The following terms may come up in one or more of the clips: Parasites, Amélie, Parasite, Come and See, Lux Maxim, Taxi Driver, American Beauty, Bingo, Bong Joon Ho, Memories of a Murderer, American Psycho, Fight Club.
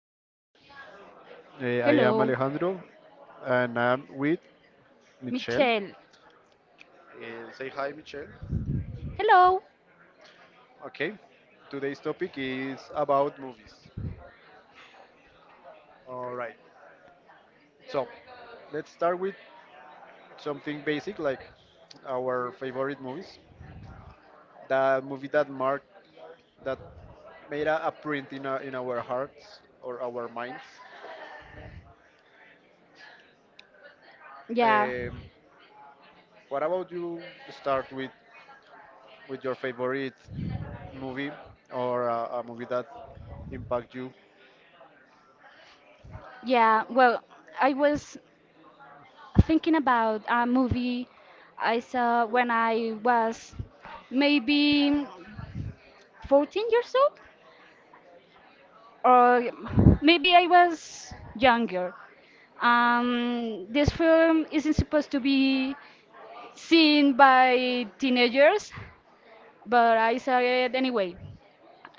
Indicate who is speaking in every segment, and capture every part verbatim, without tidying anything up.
Speaker 1: joining us. Uh, I am
Speaker 2: Hello,
Speaker 1: Alejandro and I'm with Michelle.
Speaker 2: Michelle.
Speaker 1: Uh, say hi, Michelle.
Speaker 2: Hello.
Speaker 1: Okay, today's topic is about movies. All right, so let's start with something basic like our favorite movies. The movie that marked, that made a, a print in, our in our hearts or our minds.
Speaker 2: Yeah,
Speaker 1: Um, what about you start with with your favorite movie or uh, a movie that impact you?
Speaker 2: yeah. Well, I was thinking about a movie I saw when I was maybe fourteen years old, or maybe I was younger. Um, this film isn't supposed to be seen by teenagers, but I saw it anyway.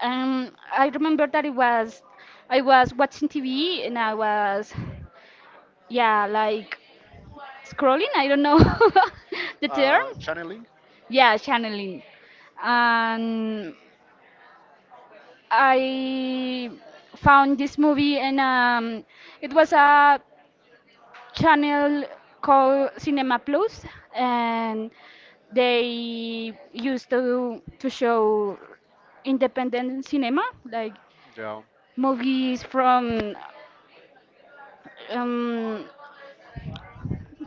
Speaker 2: Um, I remember that it was I was watching T V and I was yeah like scrolling. I don't know the term.
Speaker 1: Uh, channeling,
Speaker 2: Yeah, channeling. And I found this movie and um, it was a channel called Cinema Plus, and they used to to show independent cinema, like
Speaker 1: yeah.
Speaker 2: movies from um,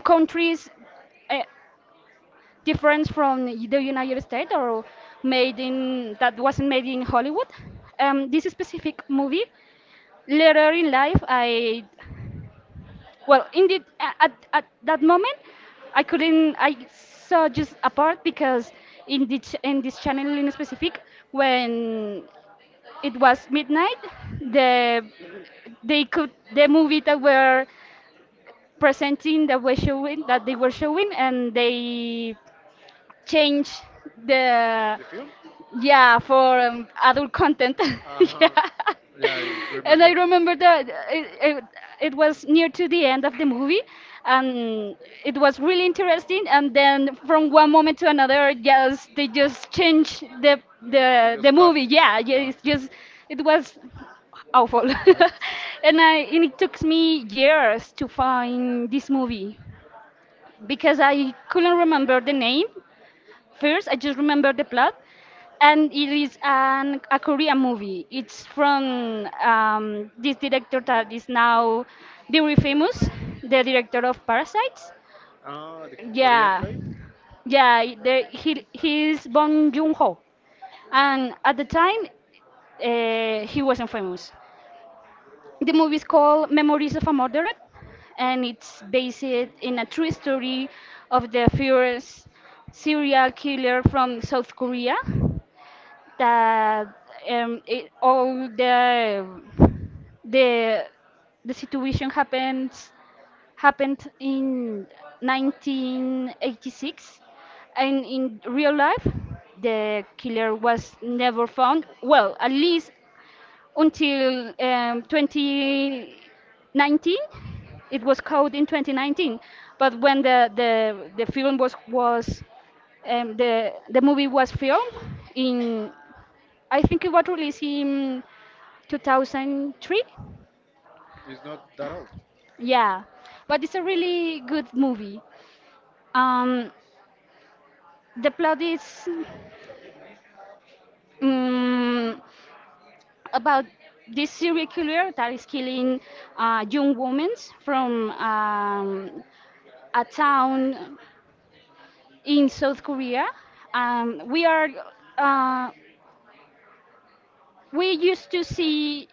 Speaker 2: countries uh, different from the United States, or made in that wasn't made in Hollywood. Um, this specific movie, later in life, I well, in the, at at that moment, I couldn't. I saw just a part because in the ch- in this channel in specific, when it was midnight, the they could the movie that were presenting that were showing that they were showing, and they changed the
Speaker 1: You?
Speaker 2: yeah for um, adult content. Yeah.
Speaker 1: Yeah. I
Speaker 2: And
Speaker 1: rem-
Speaker 2: I remember that it, it, it was near to the end of the movie, and it was really interesting, and then from one moment to another, yes, they just changed the the the movie. Yeah, yeah, it's just it was awful. And I and it took me years to find this movie because I couldn't remember the name. First, I just remember the plot, and it is an a Korean movie. It's from um, this director that is now very famous, the director of Parasites.
Speaker 1: Ah, the Korean
Speaker 2: Yeah,
Speaker 1: guy
Speaker 2: yeah, the, he he's Bong Joon Ho, and at the time, uh, he wasn't famous. The movie is called Memories of a Murderer, and it's based in a true story of the furious serial killer from South Korea. That um, it, all the the the situation happens happened in nineteen eighty-six, and in real life, the killer was never found. Well, at least until um, twenty nineteen. It was called in twenty nineteen, but when the the, the film was was um, the the movie was filmed in I think it was released in two thousand three.
Speaker 1: is not that old.
Speaker 2: Yeah, but it's a really good movie. Um, the plot is um, about this serial killer that is killing uh, young women from um, a town in South Korea. Um, we are uh, we used to see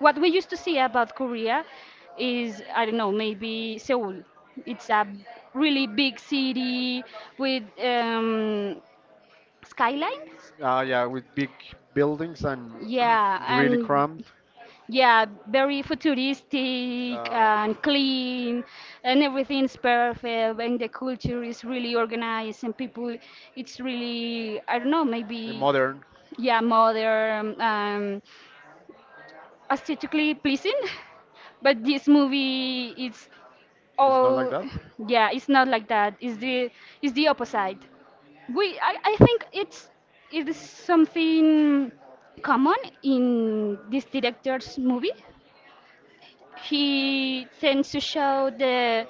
Speaker 2: what we used to see about Korea is I don't know, maybe Seoul. It's a really big city with um, skylines.
Speaker 1: Ah, yeah, with big buildings and
Speaker 2: Yeah, and.
Speaker 1: prompt,
Speaker 2: Yeah, very futuristic and clean, and everything's perfect, and the culture is really organized, and people, it's really, I don't know,
Speaker 1: uh,
Speaker 2: maybe,
Speaker 1: modern,
Speaker 2: yeah, modern, um, aesthetically pleasing. But this movie, it's all,
Speaker 1: yeah,
Speaker 2: yeah, it's not like that. It's the, it's the opposite. We, I, I think it's, it is something common in this director's movie. He tends to show the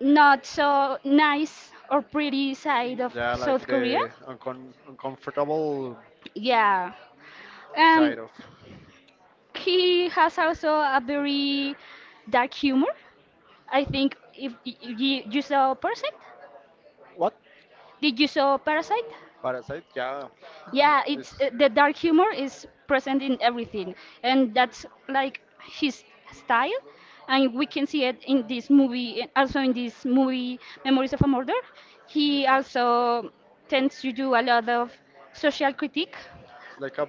Speaker 2: not so nice or pretty side of South Korea.
Speaker 1: uh, uncom- uncomfortable.
Speaker 2: Yeah.
Speaker 1: Eh,
Speaker 2: Um,
Speaker 1: of
Speaker 2: he has also a very dark humor. I think if y- y- you, you saw Parasite,
Speaker 1: what?
Speaker 2: did you saw Parasite?
Speaker 1: Parasite, yeah.
Speaker 2: Yeah, it's uh, the dark humor is present in everything, and that's like his style, and we can see it in this movie, and also in this movie Memories of a Murder. He also tends to do a lot of social critique.
Speaker 1: It's like a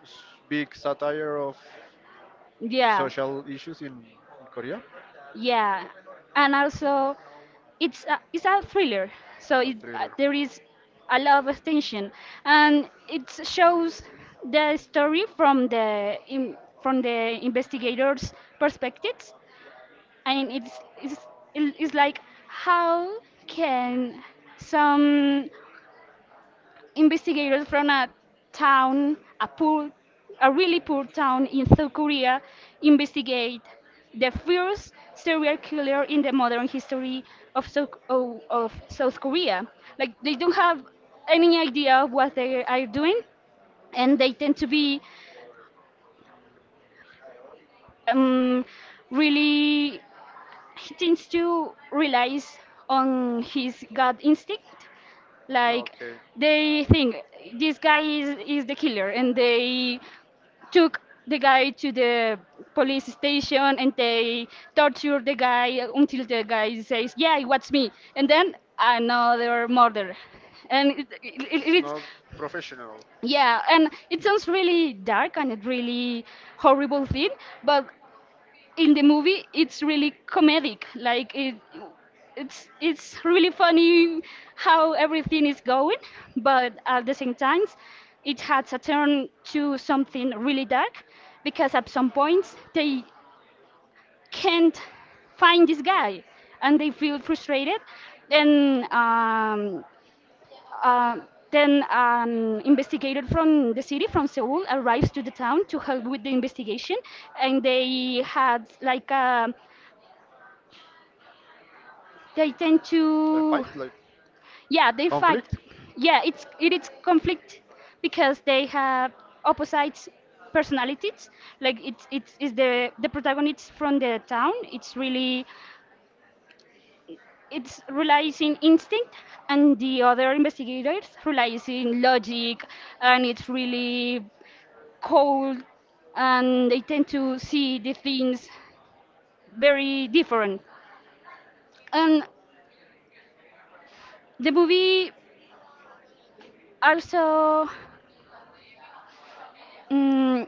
Speaker 1: s- big satire of
Speaker 2: Yeah,
Speaker 1: social issues in, in Korea.
Speaker 2: yeah, and also it's a, it's a thriller, so it, uh, there is a lot of tension, and it shows the story from the in, from the investigators perspectives, and it's, it's it's like how can some investigators from a town, a poor, a really poor town in South Korea investigate the first serial killer in the modern history of South, of, of South Korea. Like they don't have any idea of what they are doing, and they tend to be um, really he tends to relies on his gut instinct. Like they think this guy is, is the killer, and they took the guy to the police station, and they torture the guy until the guy says, "Yeah, it was me," and then another murder, and it, it, it, it's
Speaker 1: Professional,
Speaker 2: yeah, and it sounds really dark, and it really horrible thing, but in the movie it's really comedic. Like it it's it's really funny how everything is going, but at the same time it has a turn to something really dark, because at some points they can't find this guy, and they feel frustrated. Then, um, uh, then an investigator from the city, from Seoul, arrives to the town to help with the investigation, and they had like a they tend to
Speaker 1: like
Speaker 2: yeah they fight. Yeah, it's it is conflict because they have opposite personalities. Like it's it's is the the protagonist from the town, it's really it's relies in instinct, and the other investigators relies in logic, and it's really cold, and they tend to see the things very different. And the movie also mm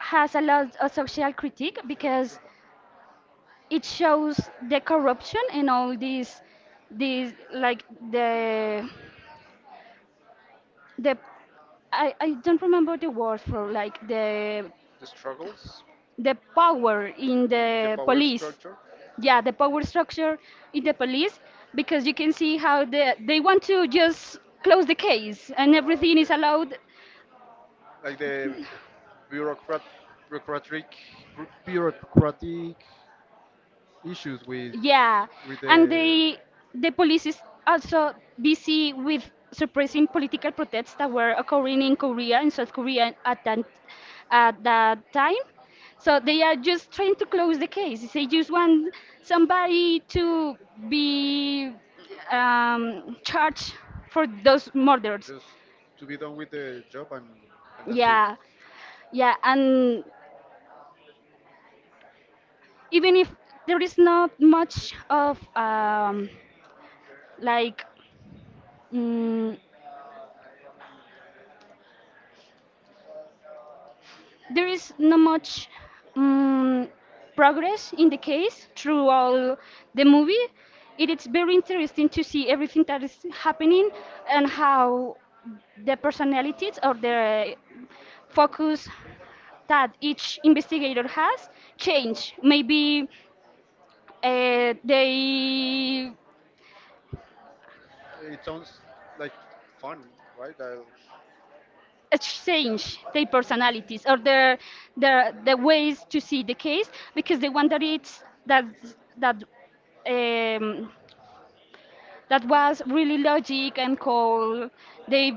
Speaker 2: has a lot of social critique, because it shows the corruption in all these these like the the I, I don't remember the word for like the
Speaker 1: the struggles.
Speaker 2: the power in the police. Yeah, the power structure in the police, because you can see how the they want to just close the case, and everything is allowed.
Speaker 1: Like the bureaucrat, bureaucratic, bureaucratic issues with
Speaker 2: Yeah,
Speaker 1: with
Speaker 2: and they the police is also busy with suppressing political protests that were occurring in Korea, in South Korea, at that at that time. So they are just trying to close the case. They just want somebody to be um, charged for those murders.
Speaker 1: just to be done with the job, and,
Speaker 2: Yeah, yeah, and even if there is not much of um, like mm, there is not much um, progress in the case through all the movie. It is very interesting to see everything that is happening, and how the personalities or the focus that each investigator has change. Maybe uh, they
Speaker 1: and it sounds like fun, right? I,
Speaker 2: exchange their personalities or their, their the ways to see the case, because the one that it's that that um, that was really logic and cold, They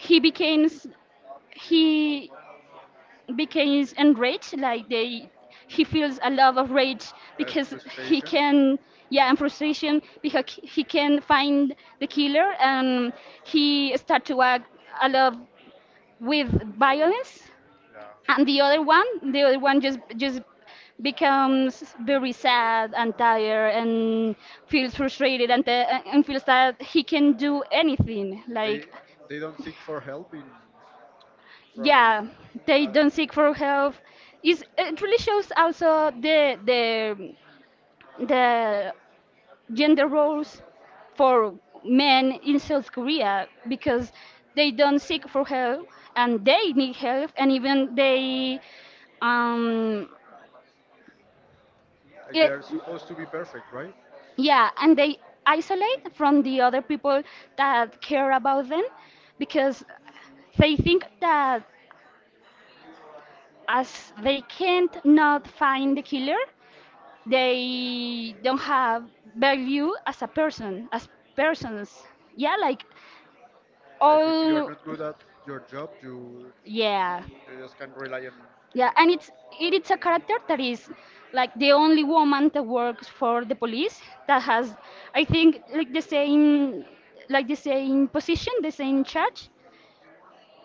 Speaker 2: he becomes he becomes enraged, like they he feels a lot of rage because he can yeah, and frustration, because he can find the killer, and he start to act a lot with violence,
Speaker 1: yeah,
Speaker 2: and the other one the other one just just becomes very sad and tired, and feels frustrated, and, the- and feels that he can do anything, like
Speaker 1: they don't seek for help in.
Speaker 2: yeah, they don't seek for help. Is it really shows also the the the gender roles for men in South Korea, because they don't seek for help, and they need help, and even they um it,
Speaker 1: Supposed to be perfect, right?
Speaker 2: yeah, and they isolate from the other people that care about them, because they think that, as they can't not find the killer, they don't have value as a person, as persons. Yeah, like all
Speaker 1: Not good at your job, you,
Speaker 2: yeah.
Speaker 1: you just can rely on
Speaker 2: Yeah, and it's it is a character that is like the only woman that works for the police, that has I think like the same like the same position, the same charge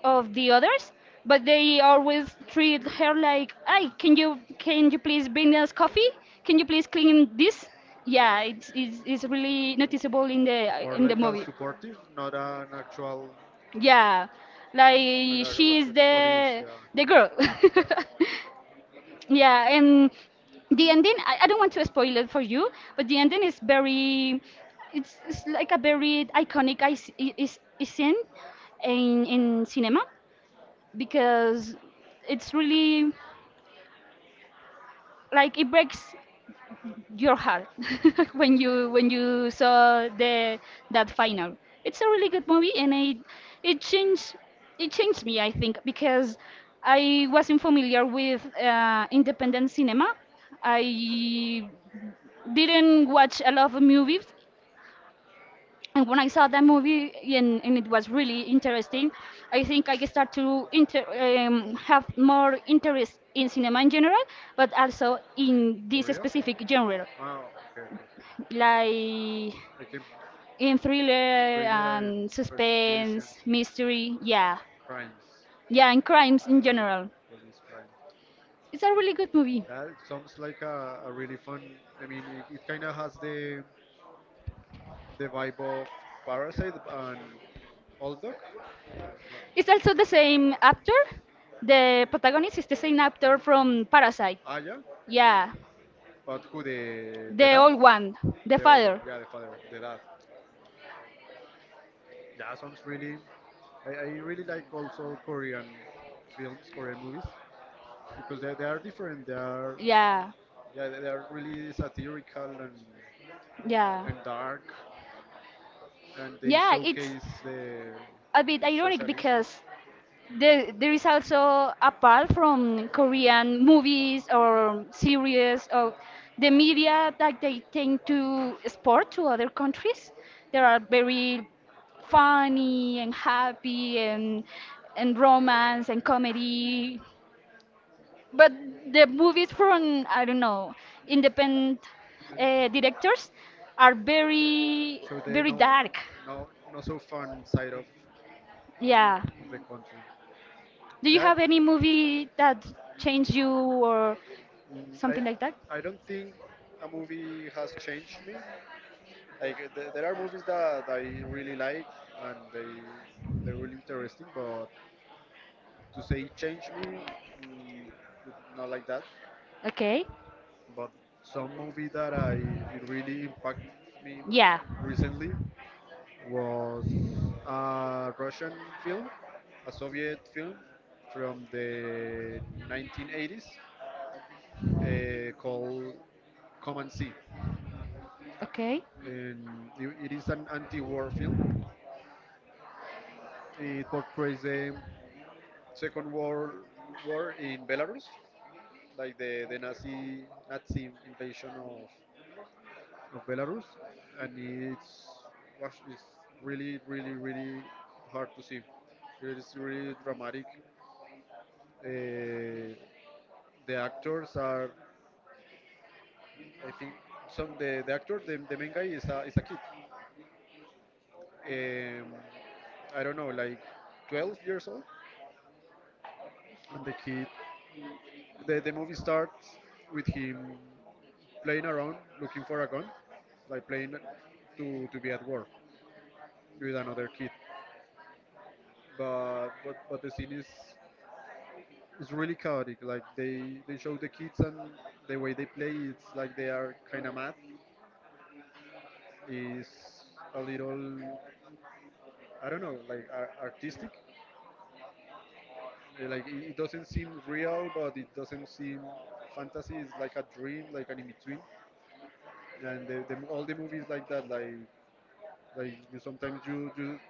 Speaker 2: of the others, but they always treat her like, "Hey, can you can you please bring us coffee? Can you please clean this?" Yeah, it's it's, it's really noticeable in the in the movie.
Speaker 1: supportive, not an actual
Speaker 2: Yeah, like she is the the girl. Yeah, and the ending, I, I don't want to spoil it for you, but the ending is very it's, it's like a very iconic is, is, is scene in in cinema, because it's really like it breaks your heart when you when you saw the that final. It's a really good movie, and it it changed it changed me, I think, because I wasn't familiar with uh, independent cinema. I didn't watch a lot of movies, and when I saw that movie, and, and it was really interesting, I think I start to inter, um, have more interest in cinema in general, but also in this specific genre,
Speaker 1: okay.
Speaker 2: like
Speaker 1: I keep
Speaker 2: in thriller and suspense, mystery, yeah,
Speaker 1: crying.
Speaker 2: yeah, and crimes in general.
Speaker 1: Police crimes.
Speaker 2: It's a really good movie.
Speaker 1: That sounds like a, a really fun. I mean, it, it kind of has the the vibe of Parasite and Old Dog.
Speaker 2: It's also the same actor. The protagonist is the same actor from Parasite.
Speaker 1: Ah, yeah.
Speaker 2: Yeah,
Speaker 1: But who the
Speaker 2: the old one, the father.
Speaker 1: yeah the father, the dad. Yeah, sounds really. I, I really like also Korean films, Korean movies because they, they are different. They are
Speaker 2: Yeah.
Speaker 1: yeah they, they are really satirical and
Speaker 2: Yeah,
Speaker 1: and dark and there
Speaker 2: yeah, it's
Speaker 1: is the
Speaker 2: a bit ironic because there there is also apart from Korean movies or series or the media that they tend to export to other countries, there are very funny and happy and and romance and comedy, but the movies from I don't know independent uh, directors are very very dark.
Speaker 1: no not so fun side of
Speaker 2: Yeah.
Speaker 1: the country.
Speaker 2: Do you have any movie that changed you or
Speaker 1: Mm, I
Speaker 2: something like that?
Speaker 1: I don't think a movie has changed me. Like uh, th- there are movies that I really like and they they're really interesting, but to say change me, mm, not like that.
Speaker 2: Okay.
Speaker 1: But some movie that I it really impacted me
Speaker 2: Yeah.
Speaker 1: recently was a Russian film, a Soviet film from the nineteen eighties uh, called Come and See.
Speaker 2: Okay.
Speaker 1: And it it is an anti-war film. It portrays the Second World War in Belarus, like the, the Nazi Nazi invasion of, of Belarus, and it's gosh, it's really really really hard to see. It is really dramatic. Uh, the actors are, I think, some the, the actor the, the main guy is a is a kid. Um, I don't know, like twelve years old, and the kid The, the movie starts with him playing around, looking for a gun, like playing to, to be at war with another kid. But, but but the scene is is really chaotic. Like they they show the kids and the way they play, it's like they are kind of mad. Is a little I don't know, like ar- artistic. Uh, Like it, it doesn't seem real, but it doesn't seem fantasy. It's like a dream, like an in between. And the, the, all the movies like that, like Like you, sometimes you, you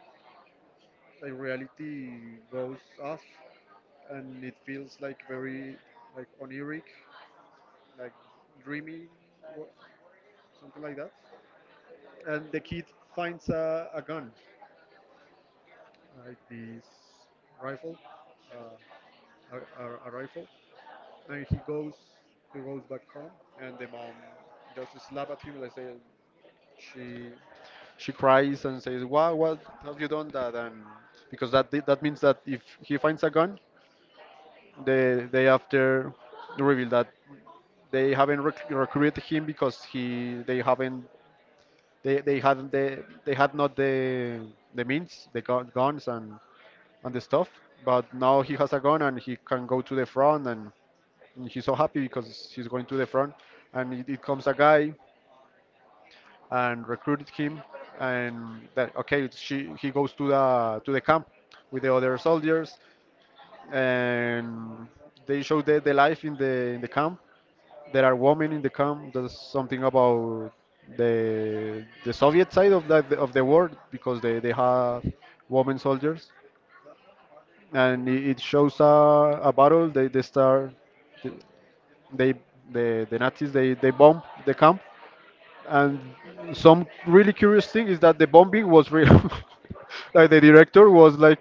Speaker 1: like reality goes off, and it feels like very like oniric, like dreamy, or something like that. And the kid finds a, a gun, like this rifle, uh, a, a, a rifle, and he goes he goes back home, and the mom just slap at him and say, She she cries and says, "Why? What have you done that?" And because that that means that if he finds a gun, the day after reveal that they haven't rec- recruited him because he they haven't they they hadn't they, they had not the the means the gu- guns and and the stuff. But now he has a gun and he can go to the front and he's so happy because he's going to the front and it, it comes a guy and recruited him and that okay she he goes to the to the camp with the other soldiers and they show the, the life in the in the camp there are women in the camp there's something about the the soviet side of the of the war because they they have women soldiers and it, it shows a, a battle they they start they the the nazis they they bomb the camp. And some really curious thing is that the bombing was real. Like the director was like,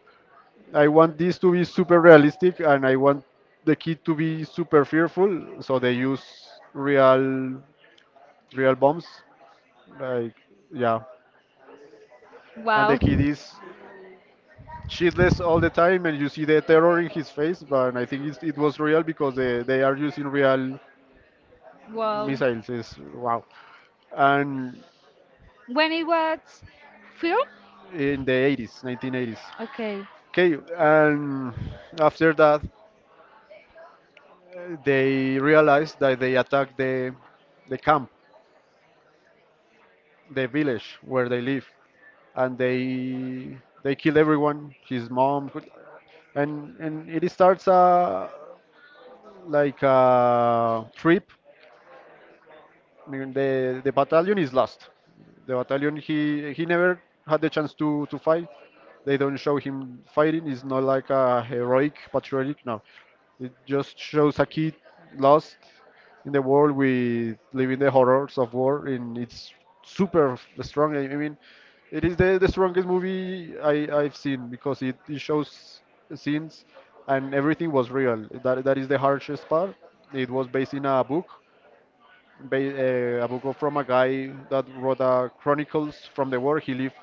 Speaker 1: I want this to be super realistic and I want the kid to be super fearful, so they use real real bombs. Like yeah. And the
Speaker 2: Wow.
Speaker 1: kid is shitless all the time and you see the terror in his face, but I think it's, it was real because they, they are using real
Speaker 2: Well,
Speaker 1: missiles. It's, wow. And
Speaker 2: when it was film?
Speaker 1: in the eighties, nineteen eighties.
Speaker 2: Okay.
Speaker 1: Okay, and after that, uh, they realized that they attacked the the camp, the village where they live, and they they kill everyone, his mom, and and it starts a like a trip. I mean, the the battalion is lost. The battalion he he never had the chance to to fight. They don't show him fighting. It's not like a heroic patriotic. No, it just shows a kid lost in the world with living the horrors of war, and it's super f- strong. I I mean, it is the, the strongest movie I, I've seen because it, it shows scenes and everything was real. That that is the harshest part. It was based in a book, ba- uh, a book of- from a guy that wrote a chronicles from the war. He lived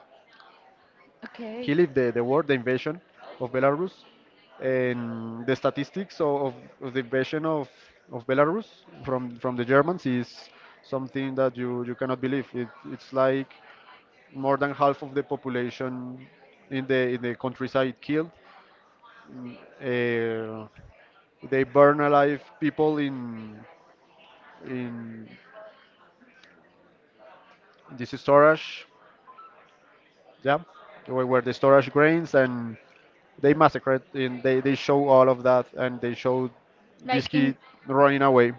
Speaker 2: Okay.
Speaker 1: he lived the, the war, the invasion of Belarus, and the statistics of, of, of the invasion of, of Belarus from from the Germans is something that you, you cannot believe. It, it's like more than half of the population in the in the countryside killed. Mm, uh, they burn alive people in in this storage, yeah, where, where the storage grains and they massacred and they, they show all of that and they show this
Speaker 2: Like in
Speaker 1: kid running away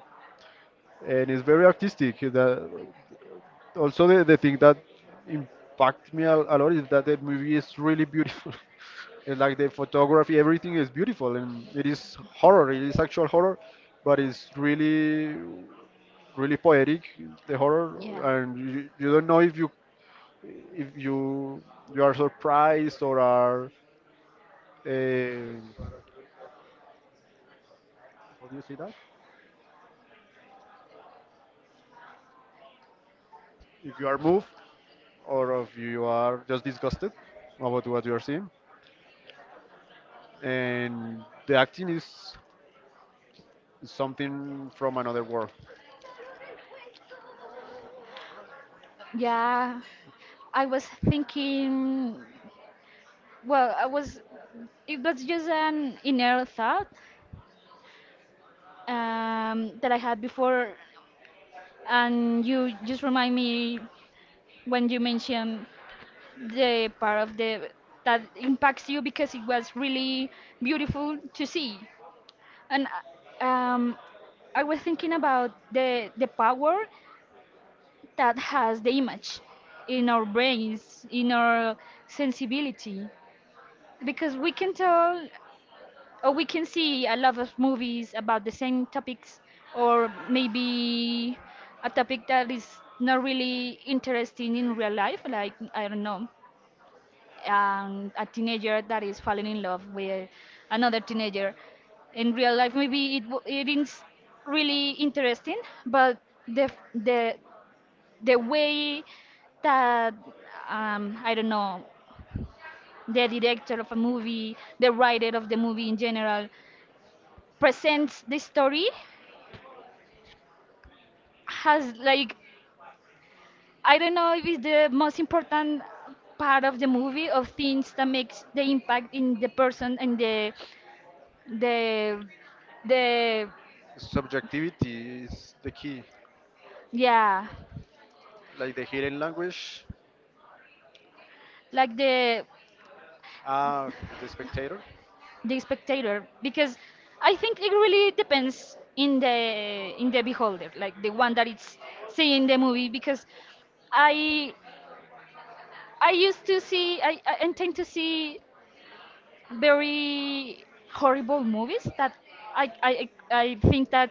Speaker 1: and it's very artistic the, also the, the thing that impacted me a, a lot is that the movie is really beautiful. It's like the photography everything is beautiful and it is horror it is actual horror but it's really really poetic the horror
Speaker 2: yeah.
Speaker 1: and you, you don't know if you if you you are surprised or are uh, how do you say that if you are moved or if you are just disgusted about what you are seeing. And the acting is something from another world.
Speaker 2: Yeah. I was thinking well, I was it was just an inner thought um that I had before, and you just remind me when you mentioned the part of the that impacts you because it was really beautiful to see. And uh, um, I was thinking about the the power that has the image in our brains, in our sensibility, because we can tell or we can see a lot of movies about the same topics, or maybe a topic that is not really interesting in real life, like I don't know, um, a teenager that is falling in love with another teenager. In real life, maybe it w- it is really interesting, but the f- the the way that um, I don't know, the director of a movie, the writer of the movie in general presents the story, has like, I don't know if it's the most important part of the movie of things that makes the impact in the person and the the the
Speaker 1: Subjectivity is the key,
Speaker 2: yeah,
Speaker 1: like the hidden language,
Speaker 2: like the
Speaker 1: ah, the spectator.
Speaker 2: the spectator, because i think it really depends in the in the beholder, like the one that is seeing the movie. Because i i used to see i i I tend to see very horrible movies that i i i I think that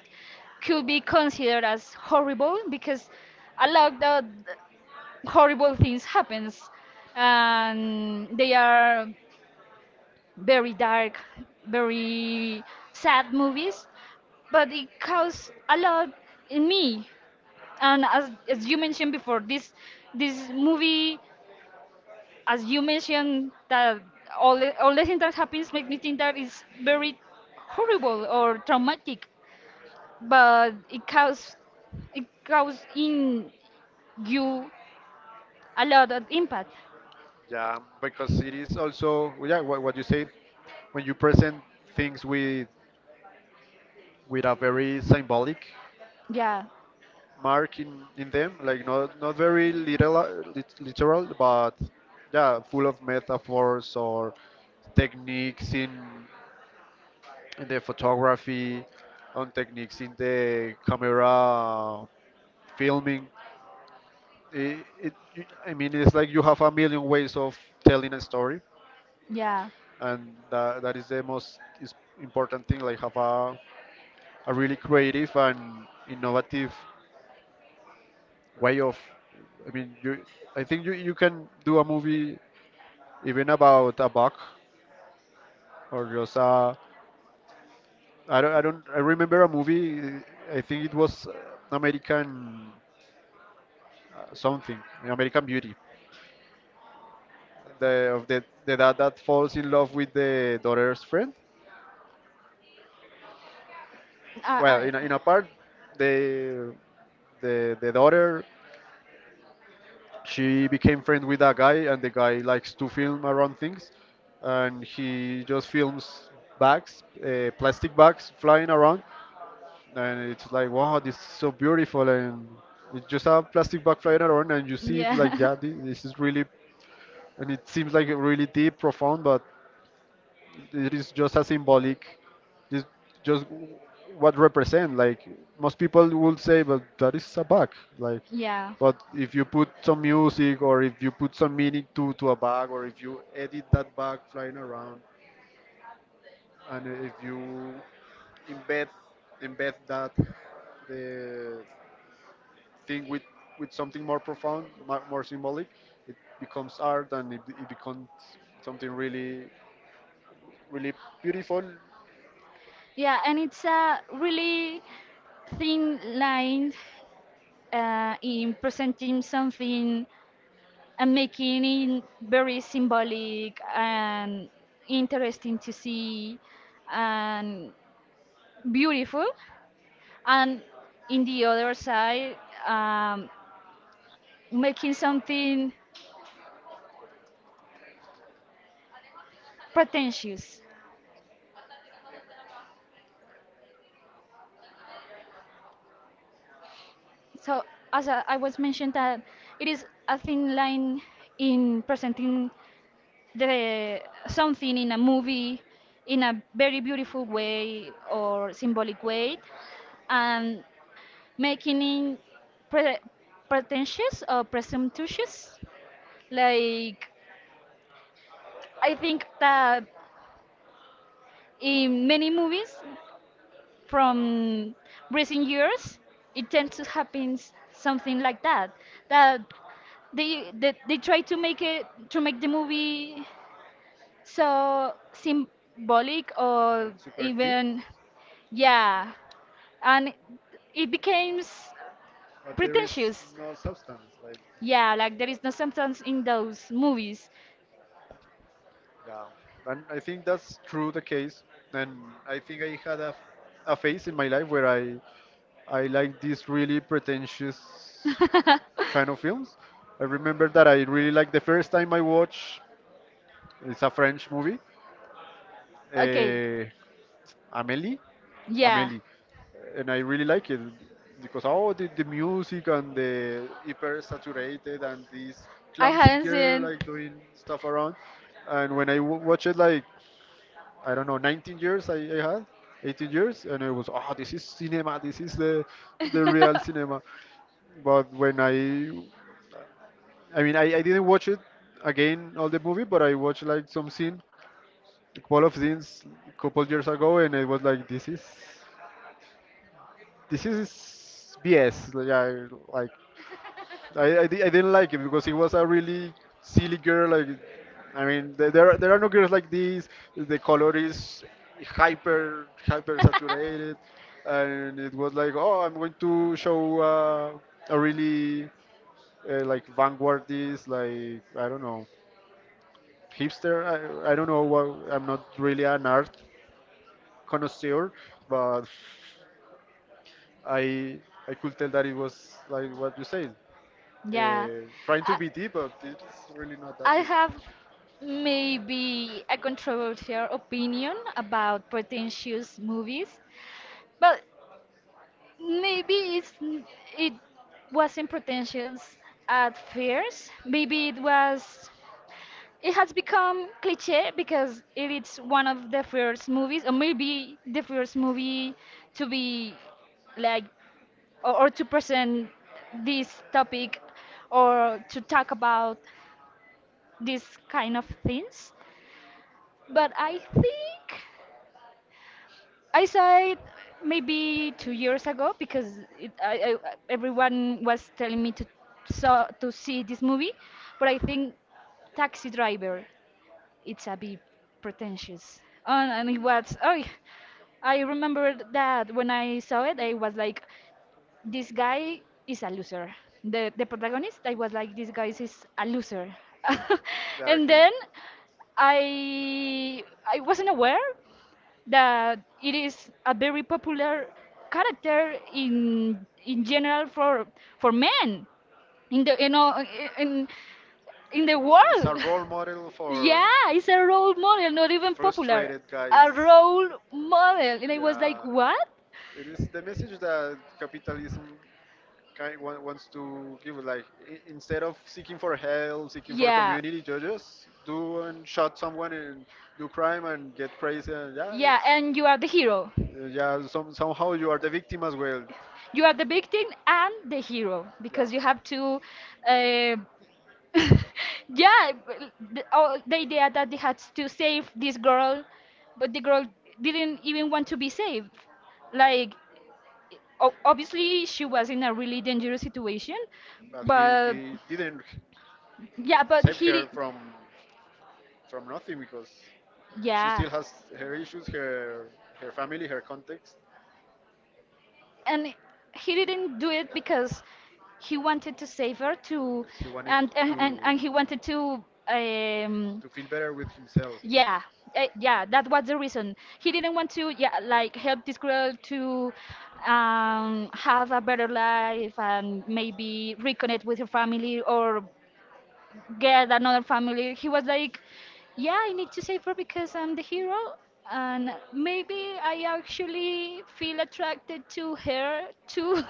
Speaker 2: could be considered as horrible because a lot of horrible things happens and they are very dark, very sad movies, but it caused a lot in me. And as, as you mentioned before, this this movie, as you mentioned, that all the, all the things that happens make me think that it's very horrible or traumatic, but it caused, it caused in you a lot of impact.
Speaker 1: Yeah, because it is also yeah what, what you say when you present things with with a very symbolic
Speaker 2: Yeah,
Speaker 1: mark in, in them, like not not very literal, lit- literal, but yeah, full of metaphors or techniques in, in the photography, on techniques in the camera filming. It, it, I mean, it's like you have a million ways of telling a story,
Speaker 2: yeah.
Speaker 1: and that, that is the most is important thing. Like have a, a really creative and innovative way of I mean you i think you, you can do a movie even about a bug or just a i don't i don't I remember a movie I think it was uh, american uh, something american beauty the of the, the dad that falls in love with the daughter's friend well
Speaker 2: I,
Speaker 1: in a, in a part the the the daughter she became friends with a guy and the guy likes to film around things
Speaker 2: I,
Speaker 1: and
Speaker 2: experience
Speaker 1: he just films
Speaker 2: bags,
Speaker 1: bags uh,
Speaker 2: uh, plastic
Speaker 1: plastic
Speaker 2: bags
Speaker 1: bags
Speaker 2: flying
Speaker 1: flying
Speaker 2: around,
Speaker 1: around and it's like
Speaker 2: and
Speaker 1: wow this is so beautiful and it's
Speaker 2: it's
Speaker 1: just
Speaker 2: so
Speaker 1: a plastic bag flying around
Speaker 2: just
Speaker 1: and you see
Speaker 2: easier.
Speaker 1: it like
Speaker 2: Yeah,
Speaker 1: yeah this, this is really and it seems like a really deep profound but it is just a symbolic just just what represent like most people would say but that is a bag like
Speaker 2: yeah, for
Speaker 1: but if you put some music or if you put some meaning to to a bag or if you edit
Speaker 2: the
Speaker 1: that bag
Speaker 2: bag flying
Speaker 1: flying
Speaker 2: around.
Speaker 1: around and if you embed embed that the thing with with something more profound mo- more symbolic it becomes art and it, it becomes something really really beautiful
Speaker 2: Yeah, and it's a really thin line uh, in presenting something and making it very symbolic and interesting to see and beautiful. And in the other side, um, making something pretentious. So, as I I was mentioned, that it is a thin line in presenting the something in a movie in a very beautiful way or symbolic way, and making it pre- pretentious or presumptuous. Like, I think that in many movies from recent years, it tends to happen something like that. That they they, they try to make it, to make the movie so symbolic or even, yeah, and it becomes
Speaker 1: but there is
Speaker 2: pretentious.
Speaker 1: no substance. Like,
Speaker 2: Yeah, like there is no substance in those movies.
Speaker 1: yeah, and I think that's true the case. And I think I had a, a phase in my life where I I like these really pretentious kind of films. I remember that I really liked the first time I watched it's a French movie,
Speaker 2: Okay.
Speaker 1: uh, Amélie.
Speaker 2: Yeah.
Speaker 1: Amelie, and I really like it because all the, the music and the hyper saturated and this
Speaker 2: I
Speaker 1: clumsy
Speaker 2: haven't seen.
Speaker 1: girl like doing stuff around, and when I w- watch it like I don't know nineteen years I, I had eighteen years and I was oh this is cinema this is the the real cinema, but when I I mean I, I didn't watch it again all the movie but I watched like some scene a couple of scenes a couple years ago and I was like this is this is B S. Like I like I, I, di- I didn't like it because it was a really silly girl. Like I mean, there there are, there are no girls like this. The color is hyper hyper saturated, and it was like, oh, I'm going to show uh, a really uh, like vanguardist, like, I don't know, hipster. I I don't know what. I'm not really an art connoisseur, but I I could tell that it was like what you said.
Speaker 2: Yeah,
Speaker 1: uh, Trying to be deep, but it's really not that
Speaker 2: I
Speaker 1: deep.
Speaker 2: have maybe a controversial opinion about pretentious movies, but maybe it's n- it wasn't pretentious at first. Maybe it was. It has become cliche because it is one of the first movies, or maybe the first movie to be like, or, or to present this topic or to talk about this kind of things. But I think I saw it maybe two years ago because it, I, I, everyone was telling me to saw to see this movie. But I think Taxi Driver it's a bit pretentious. And, and it was, oh, I remembered that when I saw it, I was like, this guy is a loser. The the protagonist, I was like, this guy is a loser.
Speaker 1: Yeah,
Speaker 2: And
Speaker 1: he-
Speaker 2: then I I wasn't aware that it is a very popular character in in general for for men in the, you know, in in the
Speaker 1: it's a
Speaker 2: world.
Speaker 1: role model for
Speaker 2: Yeah, it's a role model, not even popular,
Speaker 1: frustrated guys.
Speaker 2: a role model, and I was like,
Speaker 1: Yeah.
Speaker 2: what?
Speaker 1: It is the message that capitalism kind wa- wants to give, like, i- instead of seeking for help, seeking for
Speaker 2: Yeah.
Speaker 1: community, you just do and shot someone and do crime and get crazy, and yeah.
Speaker 2: Yeah, and you are the hero.
Speaker 1: Yeah, some, somehow you are the victim as well.
Speaker 2: You are the victim and the hero
Speaker 1: Yeah,
Speaker 2: because you have to. Uh, yeah, b- the, oh, the idea that they had to save this girl, but the girl didn't even want to be saved. Like, o- obviously, she was in a really dangerous situation,
Speaker 1: but
Speaker 2: but
Speaker 1: he, he didn't
Speaker 2: yeah, but
Speaker 1: save
Speaker 2: he
Speaker 1: her
Speaker 2: did.
Speaker 1: from from nothing because she
Speaker 2: Yeah.
Speaker 1: still has her issues, her her family, her context.
Speaker 2: And he didn't do it because he wanted to save her to,
Speaker 1: He wanted
Speaker 2: and and,
Speaker 1: to
Speaker 2: and and he wanted to, um
Speaker 1: to feel better with himself.
Speaker 2: yeah, eh, yeah, that was the reason. He didn't want to, yeah, like, help this girl to, um have a better life and maybe reconnect with her family or get another family. He was like, "Yeah, I need to save her because I'm the hero, and maybe I actually feel attracted to her too."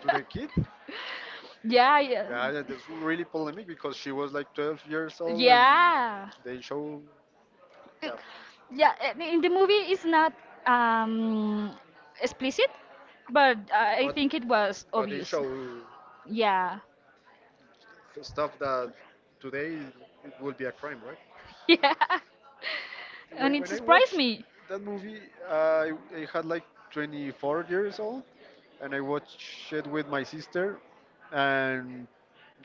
Speaker 1: To the kid. Yeah. Yeah,
Speaker 2: Yeah, yeah.
Speaker 1: yeah, that's really polemic because she was like twelve years old and
Speaker 2: Yeah,
Speaker 1: they show, yeah,
Speaker 2: yeah. And in the movie, it's not um, explicit, but I think it was
Speaker 1: but they
Speaker 2: obvious.
Speaker 1: show
Speaker 2: Yeah,
Speaker 1: stuff that today it would be a crime, right?
Speaker 2: yeah, and
Speaker 1: When,
Speaker 2: it
Speaker 1: when I
Speaker 2: surprised
Speaker 1: watched
Speaker 2: me.
Speaker 1: that movie, I, I had like twenty-four years old, and I watched it with my sister, and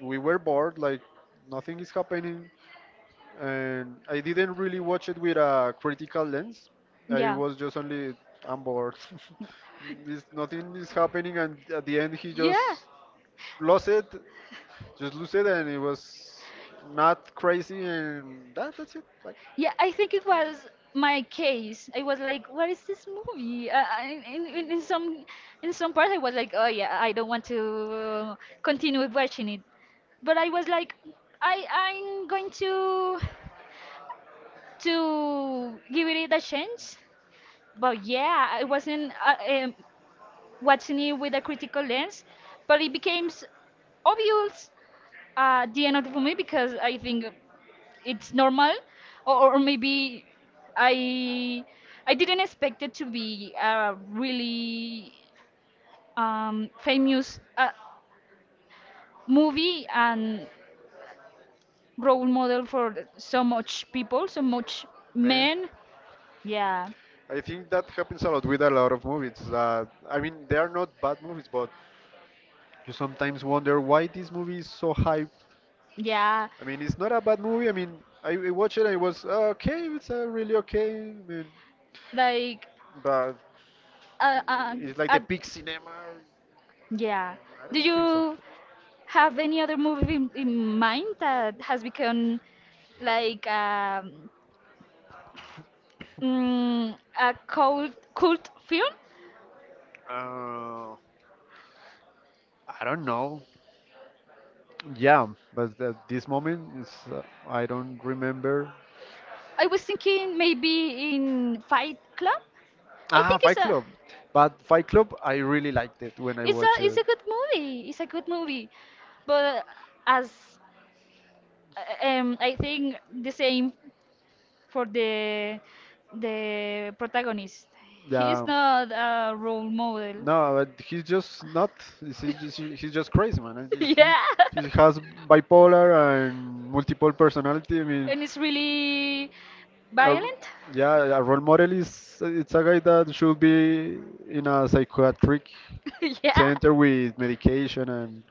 Speaker 1: we were bored, like nothing is happening, and I didn't really watch it with a critical lens. I
Speaker 2: Yeah.
Speaker 1: was just only, I'm bored. This- nothing is happening, and at the end, he
Speaker 2: Yeah,
Speaker 1: just lost it, just lose it, and it was not crazy, and that, that's it. Like,
Speaker 2: yeah. I think it was my case. I was like, "What is this movie?" Uh, I- in, in, in some in some parts, I was like, "Oh yeah, I don't want to continue watching it." But I was like, "I I'm going to to give it a chance." But yeah, I wasn't uh, um, watching it with a critical lens, but it became s- obvious uh, at the end of the movie because I think it's normal, or, or maybe I i didn't expect it to be a really um, famous uh, movie and role model for so much people, so much
Speaker 1: man.
Speaker 2: men. Yeah.
Speaker 1: I think that happens a lot with a lot of movies. That, I mean, they are not bad movies, but you sometimes wonder why this movie is so hype.
Speaker 2: Yeah,
Speaker 1: I mean, it's not a bad movie. I mean, I, I watched it. And it was uh, okay. It's uh, really okay. I mean,
Speaker 2: like,
Speaker 1: but
Speaker 2: uh, uh,
Speaker 1: it's like
Speaker 2: uh,
Speaker 1: the peak cinema.
Speaker 2: yeah,
Speaker 1: I
Speaker 2: do
Speaker 1: don't think so.
Speaker 2: you have any other movie in, in mind that has become like, um, mm, a cult cult film?
Speaker 1: Uh, I don't know. Yeah, but at this moment, it's, uh, I don't remember.
Speaker 2: I was thinking maybe in Fight Club. I
Speaker 1: Ah,
Speaker 2: think it's
Speaker 1: Fight
Speaker 2: a
Speaker 1: Club. But Fight Club, I really liked it when I
Speaker 2: it's a
Speaker 1: watched
Speaker 2: it's a
Speaker 1: it.
Speaker 2: good movie. It's a good movie, but as uh, um, I think the same for the the protagonist. He is
Speaker 1: Yeah.
Speaker 2: not a role model.
Speaker 1: No, but he's just not. He's he's just, he's just crazy, man. It's just- He,
Speaker 2: Yeah,
Speaker 1: he has bipolar and multiple personality. I mean,
Speaker 2: and it's really
Speaker 1: a,
Speaker 2: violent.
Speaker 1: yeah, a role model is, it's a guy that should be in a psychiatric
Speaker 2: Yeah,
Speaker 1: center with medication and.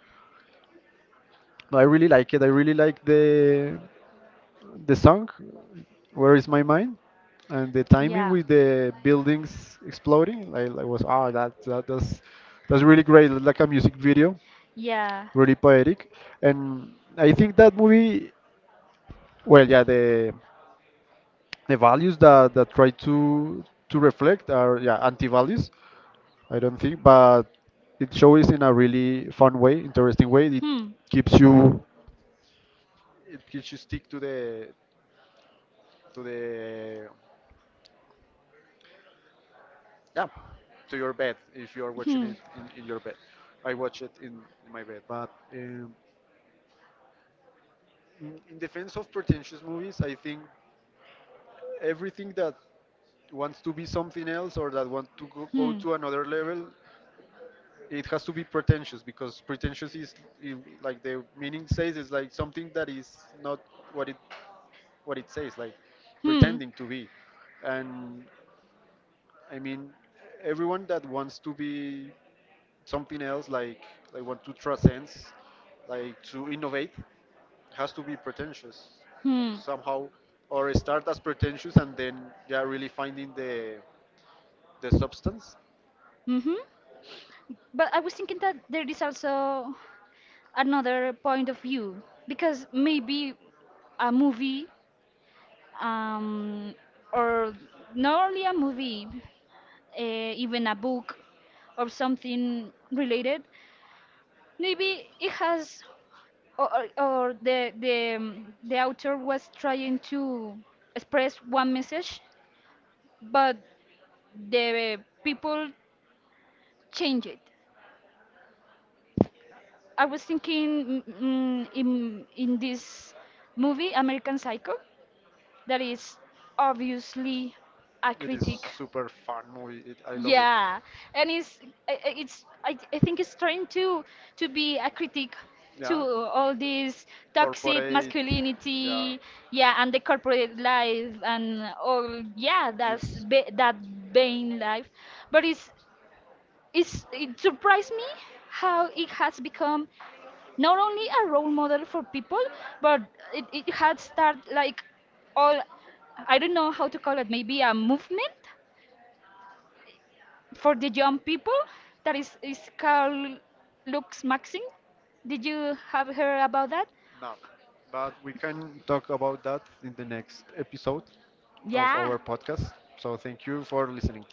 Speaker 1: No, I really like it. I really like the the song "Where Is My Mind" and the timing
Speaker 2: yeah,
Speaker 1: with the buildings exploding. Like, like was ah, that that that's that's really great. It's like a music video,
Speaker 2: yeah.
Speaker 1: really poetic. And I think that movie, well, yeah, the the values that that try to to reflect are, yeah, anti-values. I don't think, but it shows in a really fun way, interesting way. It
Speaker 2: Hmm.
Speaker 1: keeps you, it keeps you stick to the to the, yeah, to your bed if you are watching
Speaker 2: Hmm.
Speaker 1: it in, in your bed. I watch it in, in my bed. But um, in, in defense of pretentious movies, I think everything that wants to be something else or that want to go, go
Speaker 2: Hmm.
Speaker 1: to another level, it has to be pretentious because pretentious is, i- like the meaning says, is like something that is not what it what it says, like
Speaker 2: Hmm.
Speaker 1: pretending to be. And I mean, everyone that wants to be something else, like like want to transcend, like, to innovate has to be pretentious
Speaker 2: Hmm.
Speaker 1: somehow, or start as pretentious and then yeah really finding the the substance.
Speaker 2: Mm-hmm. But I was thinking that there is also another point of view, because maybe a movie, um, or not only a movie, uh, even a book or something related, maybe it has or, or or the the um, the author was trying to express one message, but the people change it. I was thinking, mm, mm, in in this movie American Psycho, that is obviously a
Speaker 1: It is
Speaker 2: critic.
Speaker 1: super fun movie. It, I love it.
Speaker 2: Yeah, and it's, I- I- it's I, I think it's trying to to be a critic
Speaker 1: Yeah,
Speaker 2: to all this toxic
Speaker 1: corporate, yeah.
Speaker 2: masculinity, yeah, and the corporate life and all, yeah, that's
Speaker 1: This
Speaker 2: ba that vain life. But it's it's it surprised me how it has become not only a role model for people, but it it had started like all, I don't know how to call it, maybe a movement for the young people that is is called Lux Maxim. Did you have heard about that?
Speaker 1: now, but we can talk about that in the next episode of
Speaker 2: Yeah,
Speaker 1: our podcast. So thank you for listening.